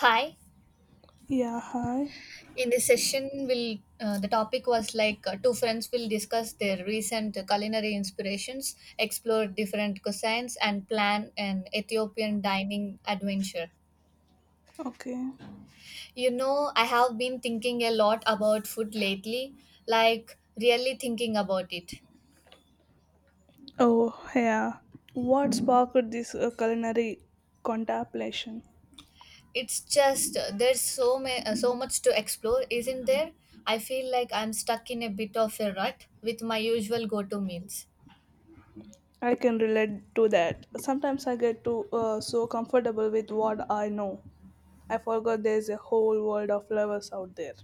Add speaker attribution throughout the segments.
Speaker 1: Hi.
Speaker 2: Yeah, hi.
Speaker 1: In this session, will the topic was two friends will discuss their recent culinary inspirations, explore different cuisines, and plan an Ethiopian dining adventure.
Speaker 2: Okay.
Speaker 1: You know, I have been thinking a lot about food lately, like really thinking about it.
Speaker 2: Oh, yeah. What sparked this culinary contemplation?
Speaker 1: It's just there's so much to explore, isn't there? I feel like I'm stuck in a bit of a rut with my usual go-to meals.
Speaker 2: I can relate to that. Sometimes I get too so comfortable with what I know. I forgot there's a whole world of lovers out there.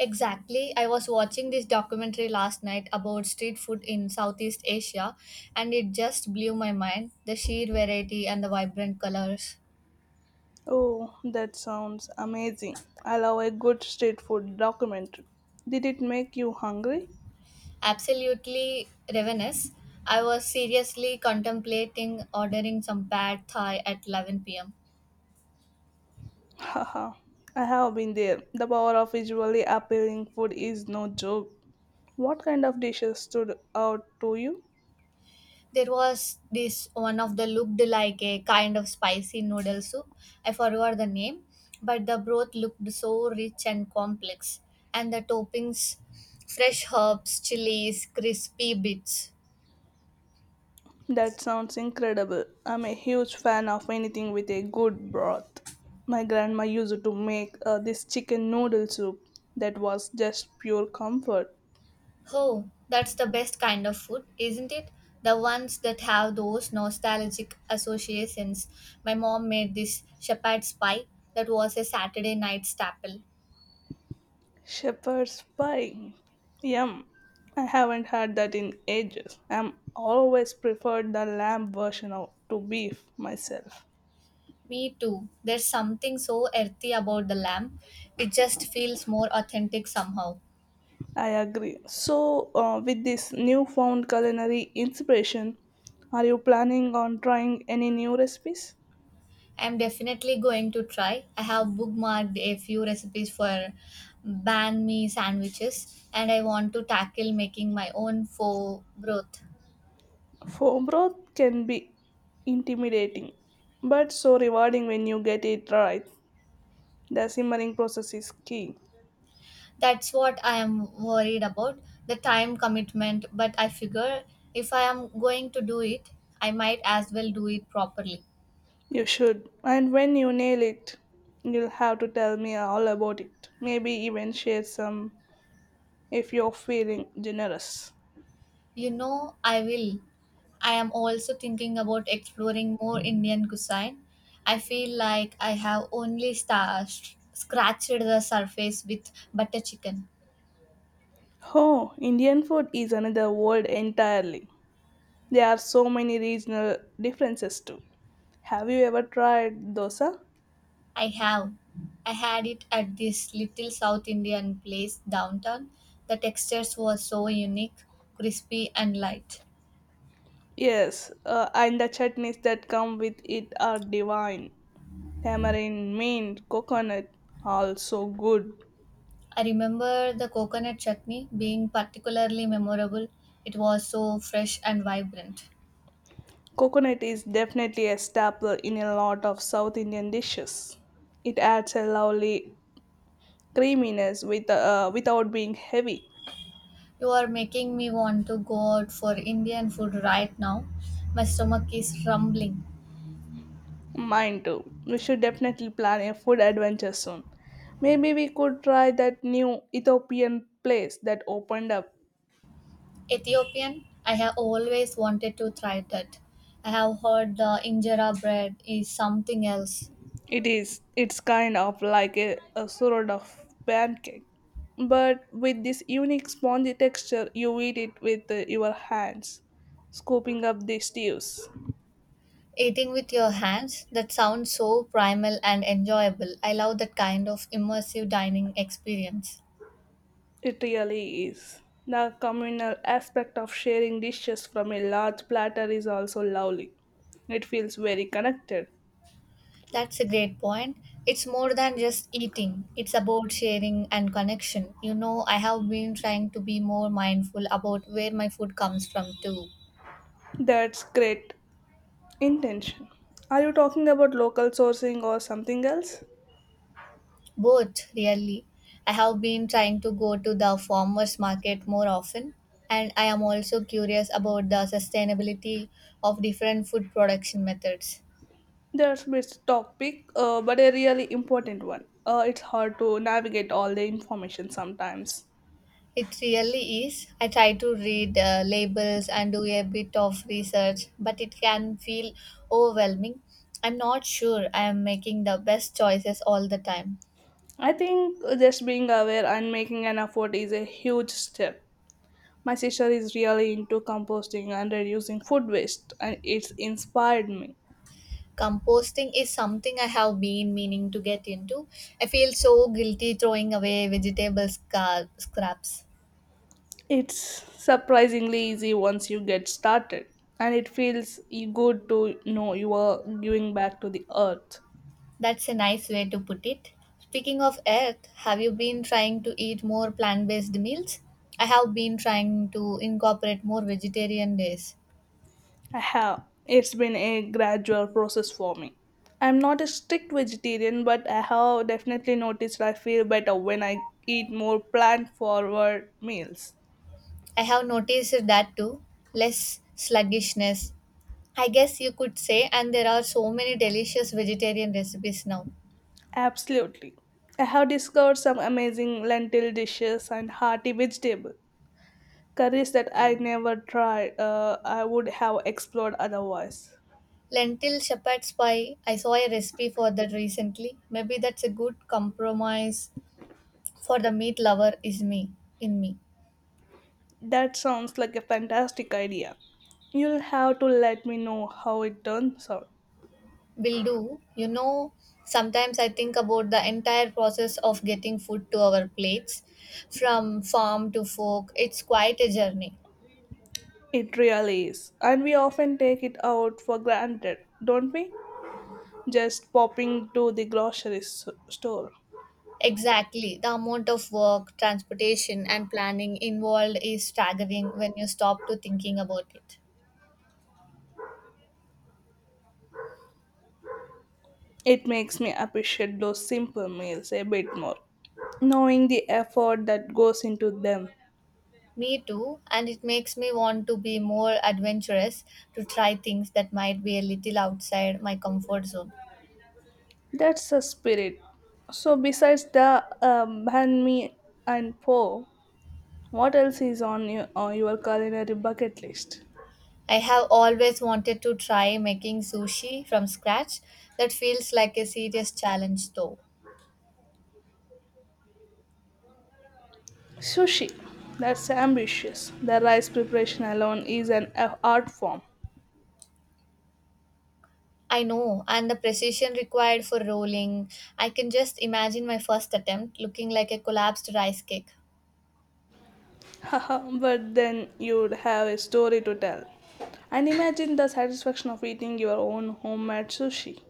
Speaker 1: Exactly. I was watching this documentary last night about street food in Southeast Asia, and it just blew my mind, the sheer variety and the vibrant colors.
Speaker 2: Oh, that sounds amazing. I love a good street food documentary. Did it make you hungry?
Speaker 1: Absolutely ravenous. I was seriously contemplating ordering some pad thai at 11 pm.
Speaker 2: Haha, I have been there. The power of visually appealing food is no joke. What kind of dishes stood out to you?
Speaker 1: There was this one of the looked like a kind of spicy noodle soup. I forgot the name, but the broth looked so rich and complex, and the toppings, fresh herbs, chilies, crispy bits.
Speaker 2: That sounds incredible. I'm a huge fan of anything with a good broth. My grandma used to make this chicken noodle soup that was just pure comfort.
Speaker 1: Oh, that's the best kind of food, isn't it, the ones that have those nostalgic associations. My mom made this shepherd's pie that was a Saturday night staple.
Speaker 2: Shepherd's pie. Yum. I haven't had that in ages. I'm always preferred the lamb version of, to beef myself.
Speaker 1: Me too. There's something so earthy about the lamp. It just feels more authentic somehow.
Speaker 2: I agree. With this newfound culinary inspiration, are you planning on trying any new recipes?
Speaker 1: I'm definitely going to try. I have bookmarked a few recipes for banh mi sandwiches, and I want to tackle making my own pho broth.
Speaker 2: Foam broth can be intimidating, but so rewarding when you get it right. The simmering process is key.
Speaker 1: That's what I am worried about, the time commitment, but I figure if I am going to do it, I might as well do it properly.
Speaker 2: You should, and when you nail it, you'll have to tell me all about it. Maybe even share some if you're feeling generous.
Speaker 1: You know, I will. I am also thinking about exploring more Indian cuisine. I feel like I have only scratched the surface with butter chicken.
Speaker 2: Oh, Indian food is another world entirely. There are so many regional differences too. Have you ever tried dosa?
Speaker 1: I have. I had it at this little South Indian place downtown. The textures were so unique, crispy, and light.
Speaker 2: Yes, and the chutneys that come with it are divine. Tamarind, mint, coconut, also good.
Speaker 1: I remember the coconut chutney being particularly memorable. It was so fresh and vibrant.
Speaker 2: Coconut is definitely a staple in a lot of South Indian dishes. It adds a lovely creaminess without being heavy.
Speaker 1: You are making me want to go out for Indian food right now. My stomach is rumbling.
Speaker 2: Mine too. We should definitely plan a food adventure soon. Maybe we could try that new Ethiopian place that opened up.
Speaker 1: Ethiopian, I have always wanted to try that. I have heard the injera bread is something else.
Speaker 2: It's kind of like a sort of pancake, but with this unique spongy texture. You eat it with your hands, scooping up the stews.
Speaker 1: Eating with your hands, that sounds so primal and enjoyable. I love that kind of immersive dining experience.
Speaker 2: It really is. The communal aspect of sharing dishes from a large platter is also lovely. It feels very connected.
Speaker 1: That's a great point. It's more than just eating, it's about sharing and connection. You know, I have been trying to be more mindful about where my food comes from, too.
Speaker 2: That's great. Intention. Are you talking about local sourcing or something else?
Speaker 1: Both, really. I have been trying to go to the farmers market more often, and I am also curious about the sustainability of different food production methods.
Speaker 2: There's this topic, but a really important one. It's hard to navigate all the information sometimes.
Speaker 1: It really is. I try to read labels and do a bit of research, but it can feel overwhelming. I'm not sure I am making the best choices all the time.
Speaker 2: I think just being aware and making an effort is a huge step. My sister is really into composting and reducing food waste, and it's inspired me.
Speaker 1: Composting is something I have been meaning to get into. I feel so guilty throwing away scraps.
Speaker 2: It's surprisingly easy once you get started, and it feels good to know you are giving back to the earth.
Speaker 1: That's a nice way to put it. Speaking of earth, have you been trying to eat more plant based meals? I have been trying to incorporate more vegetarian days.
Speaker 2: I have. It's been a gradual process for me. I'm not a strict vegetarian, but I have definitely noticed I feel better when I eat more plant forward meals.
Speaker 1: I have noticed that too. Less sluggishness, I guess you could say, and there are so many delicious vegetarian recipes now.
Speaker 2: Absolutely. I have discovered some amazing lentil dishes and hearty vegetable curries that I never I would have explored otherwise.
Speaker 1: Lentil shepherd's pie, I saw a recipe for that recently. Maybe that's a good compromise for the meat lover is me in me.
Speaker 2: That sounds like a fantastic idea. You'll have to let me know how it turns out.
Speaker 1: Will do. You know, sometimes I think about the entire process of getting food to our plates, from farm to fork. It's quite a journey.
Speaker 2: It really is. And we often take it out for granted, don't we? Just popping to the store.
Speaker 1: Exactly. The amount of work, transportation, and planning involved is staggering when you stop to thinking about it.
Speaker 2: It makes me appreciate those simple meals a bit more, knowing the effort that goes into them.
Speaker 1: Me too, and it makes me want to be more adventurous, to try things that might be a little outside my comfort zone.
Speaker 2: That's the spirit. So, besides the banh mi and po, what else is on your culinary bucket list?
Speaker 1: I have always wanted to try making sushi from scratch. That feels like a serious challenge though.
Speaker 2: Sushi. That's ambitious. The rice preparation alone is art form.
Speaker 1: I know, and the precision required for rolling. I can just imagine my first attempt looking like a collapsed rice cake.
Speaker 2: but then you'd have a story to tell. And imagine the satisfaction of eating your own homemade sushi.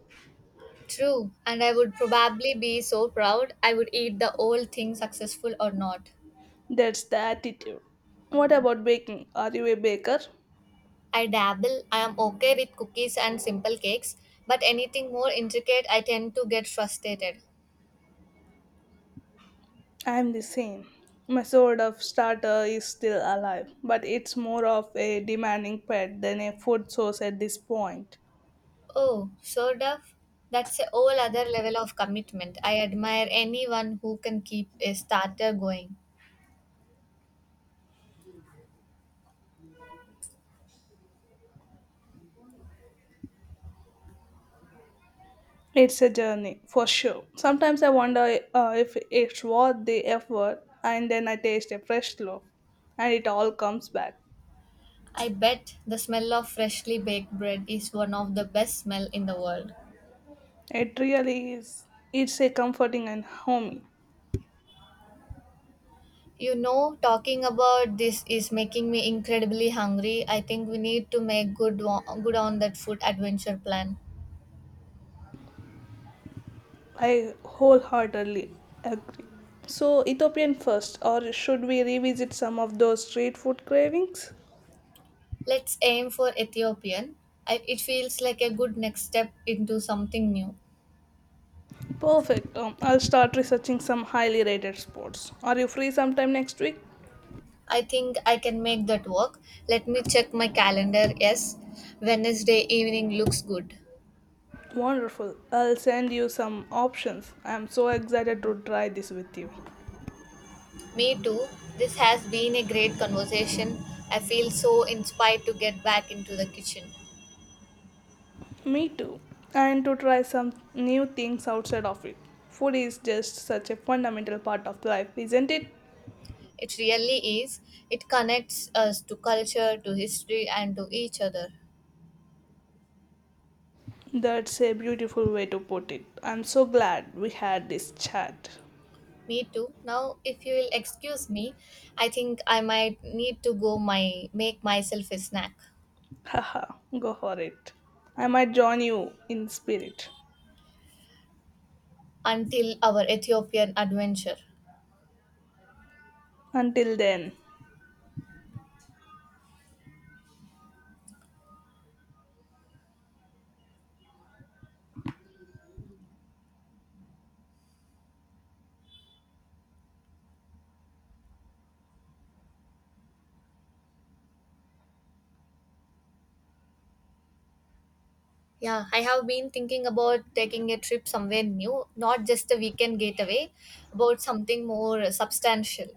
Speaker 1: True, and I would probably be so proud I would eat the whole thing, successful or not.
Speaker 2: That's the attitude. What about baking? Are you a baker?
Speaker 1: I dabble. I am okay with cookies and simple cakes, but anything more intricate I tend to get frustrated.
Speaker 2: I'm the same. My sort of starter is still alive, but it's more of a demanding pet than a food source at this point.
Speaker 1: Oh, sort of? That's a whole other level of commitment. I admire anyone who can keep a starter going.
Speaker 2: It's a journey, for sure. Sometimes I wonder if it's worth the effort, and then I taste a fresh loaf, and it all comes back.
Speaker 1: I bet the smell of freshly baked bread is one of the best smell in the world.
Speaker 2: It really is. It's a comforting and homey.
Speaker 1: You know, talking about this is making me incredibly hungry. I think we need to make good on that food adventure plan.
Speaker 2: I wholeheartedly agree. So, Ethiopian first, or should we revisit some of those street food cravings?
Speaker 1: Let's aim for Ethiopian. I, it feels like a good next step into something new.
Speaker 2: Perfect. I'll start researching some highly rated spots. Are you free sometime next week?
Speaker 1: I think I can make that work. Let me check my calendar. Yes, Wednesday evening looks good.
Speaker 2: Wonderful. I'll send you some options. I'm so excited to try this with you.
Speaker 1: Me too. This has been a great conversation. I feel so inspired to get back into the kitchen.
Speaker 2: Me too. And to try some new things outside of it. Food is just such a fundamental part of life, isn't it?
Speaker 1: It really is. It connects us to culture, to history, and to each other.
Speaker 2: That's a beautiful way to put it. I'm so glad we had this chat.
Speaker 1: Me too. Now, if you will excuse me, I think I might need to go my make myself a snack
Speaker 2: Haha, go for it. I might join you in spirit.
Speaker 1: until our Ethiopian adventure.
Speaker 2: Until then,
Speaker 1: Yeah, I have been thinking about taking a trip somewhere new, not just a weekend getaway, about something more substantial.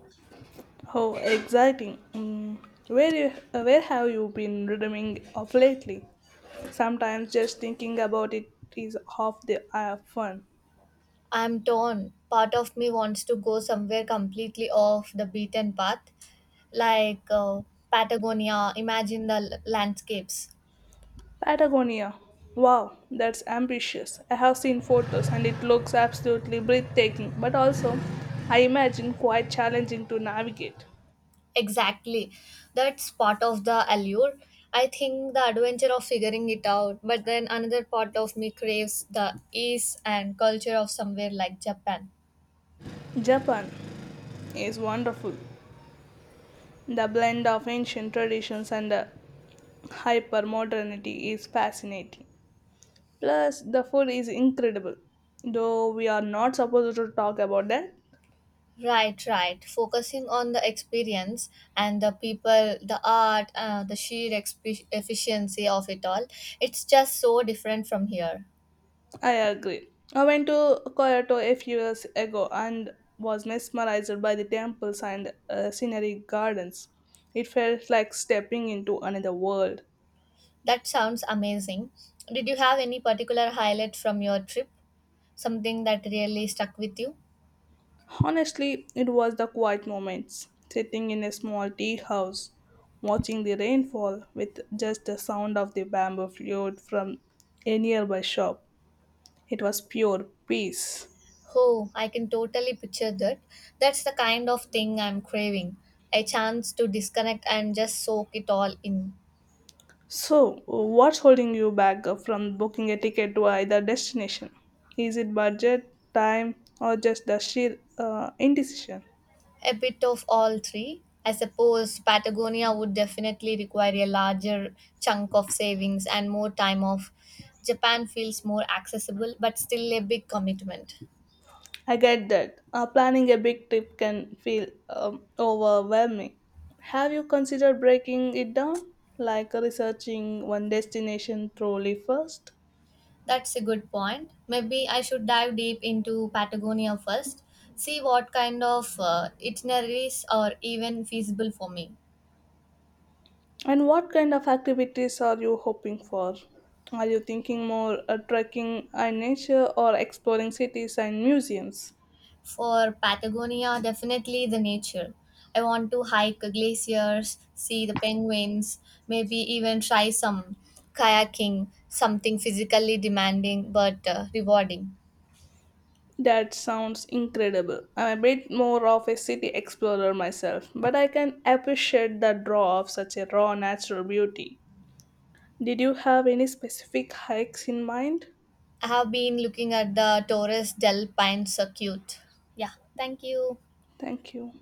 Speaker 2: how exciting. Mm, where have you been dreaming of lately? Sometimes just thinking about it is half the fun.
Speaker 1: I'm torn. Part of me wants to go somewhere completely off the beaten path, like Patagonia, imagine the landscapes.
Speaker 2: Patagonia. Wow, that's ambitious. I have seen photos and it looks absolutely breathtaking, but also, I imagine, quite challenging to navigate.
Speaker 1: Exactly. That's part of the allure. I think the adventure of figuring it out, but then another part of me craves the ease and culture of somewhere like Japan.
Speaker 2: Japan is wonderful. The blend of ancient traditions and the hyper modernity is fascinating. Plus, the food is incredible. Though we are not supposed to talk about that,
Speaker 1: Right, right. Focusing on the experience and the people, the art, the sheer efficiency of it all. It's just so different from here.
Speaker 2: I agree. I went to Kyoto a few years ago and was mesmerized by the temples and scenery gardens. It felt like stepping into another world.
Speaker 1: That sounds amazing. Did you have any particular highlight from your trip? Something that really stuck with you?
Speaker 2: Honestly, it was the quiet moments, sitting in a small tea house, watching the rainfall with just the sound of the bamboo flute from a nearby shop. It was pure peace.
Speaker 1: Oh, I can totally picture that. That's the kind of thing I'm craving. A chance to disconnect and just soak it all in.
Speaker 2: So, what's holding you back from booking a ticket to either destination? Is it budget, time, or just the sheer indecision?
Speaker 1: A bit of all three. I suppose Patagonia would definitely require a larger chunk of savings and more time off. Japan feels more accessible, but still a big commitment.
Speaker 2: I get that. Planning a big trip can feel overwhelming. Have you considered breaking it down, like researching one destination thoroughly first?
Speaker 1: That's a good point. Maybe I should dive deep into Patagonia first, see what kind of itineraries are even feasible for me.
Speaker 2: And what kind of activities are you hoping for? Are you thinking more trekking and nature or exploring cities and museums?
Speaker 1: For Patagonia, definitely the nature. I want to hike glaciers, see the penguins, maybe even try some kayaking, something physically demanding but rewarding.
Speaker 2: That sounds incredible. I'm a bit more of a city explorer myself, but I can appreciate the draw of such a raw natural beauty. Did you have any specific hikes in mind?
Speaker 1: I have been looking at the Torres del Paine circuit. Yeah, thank you.
Speaker 2: Thank you.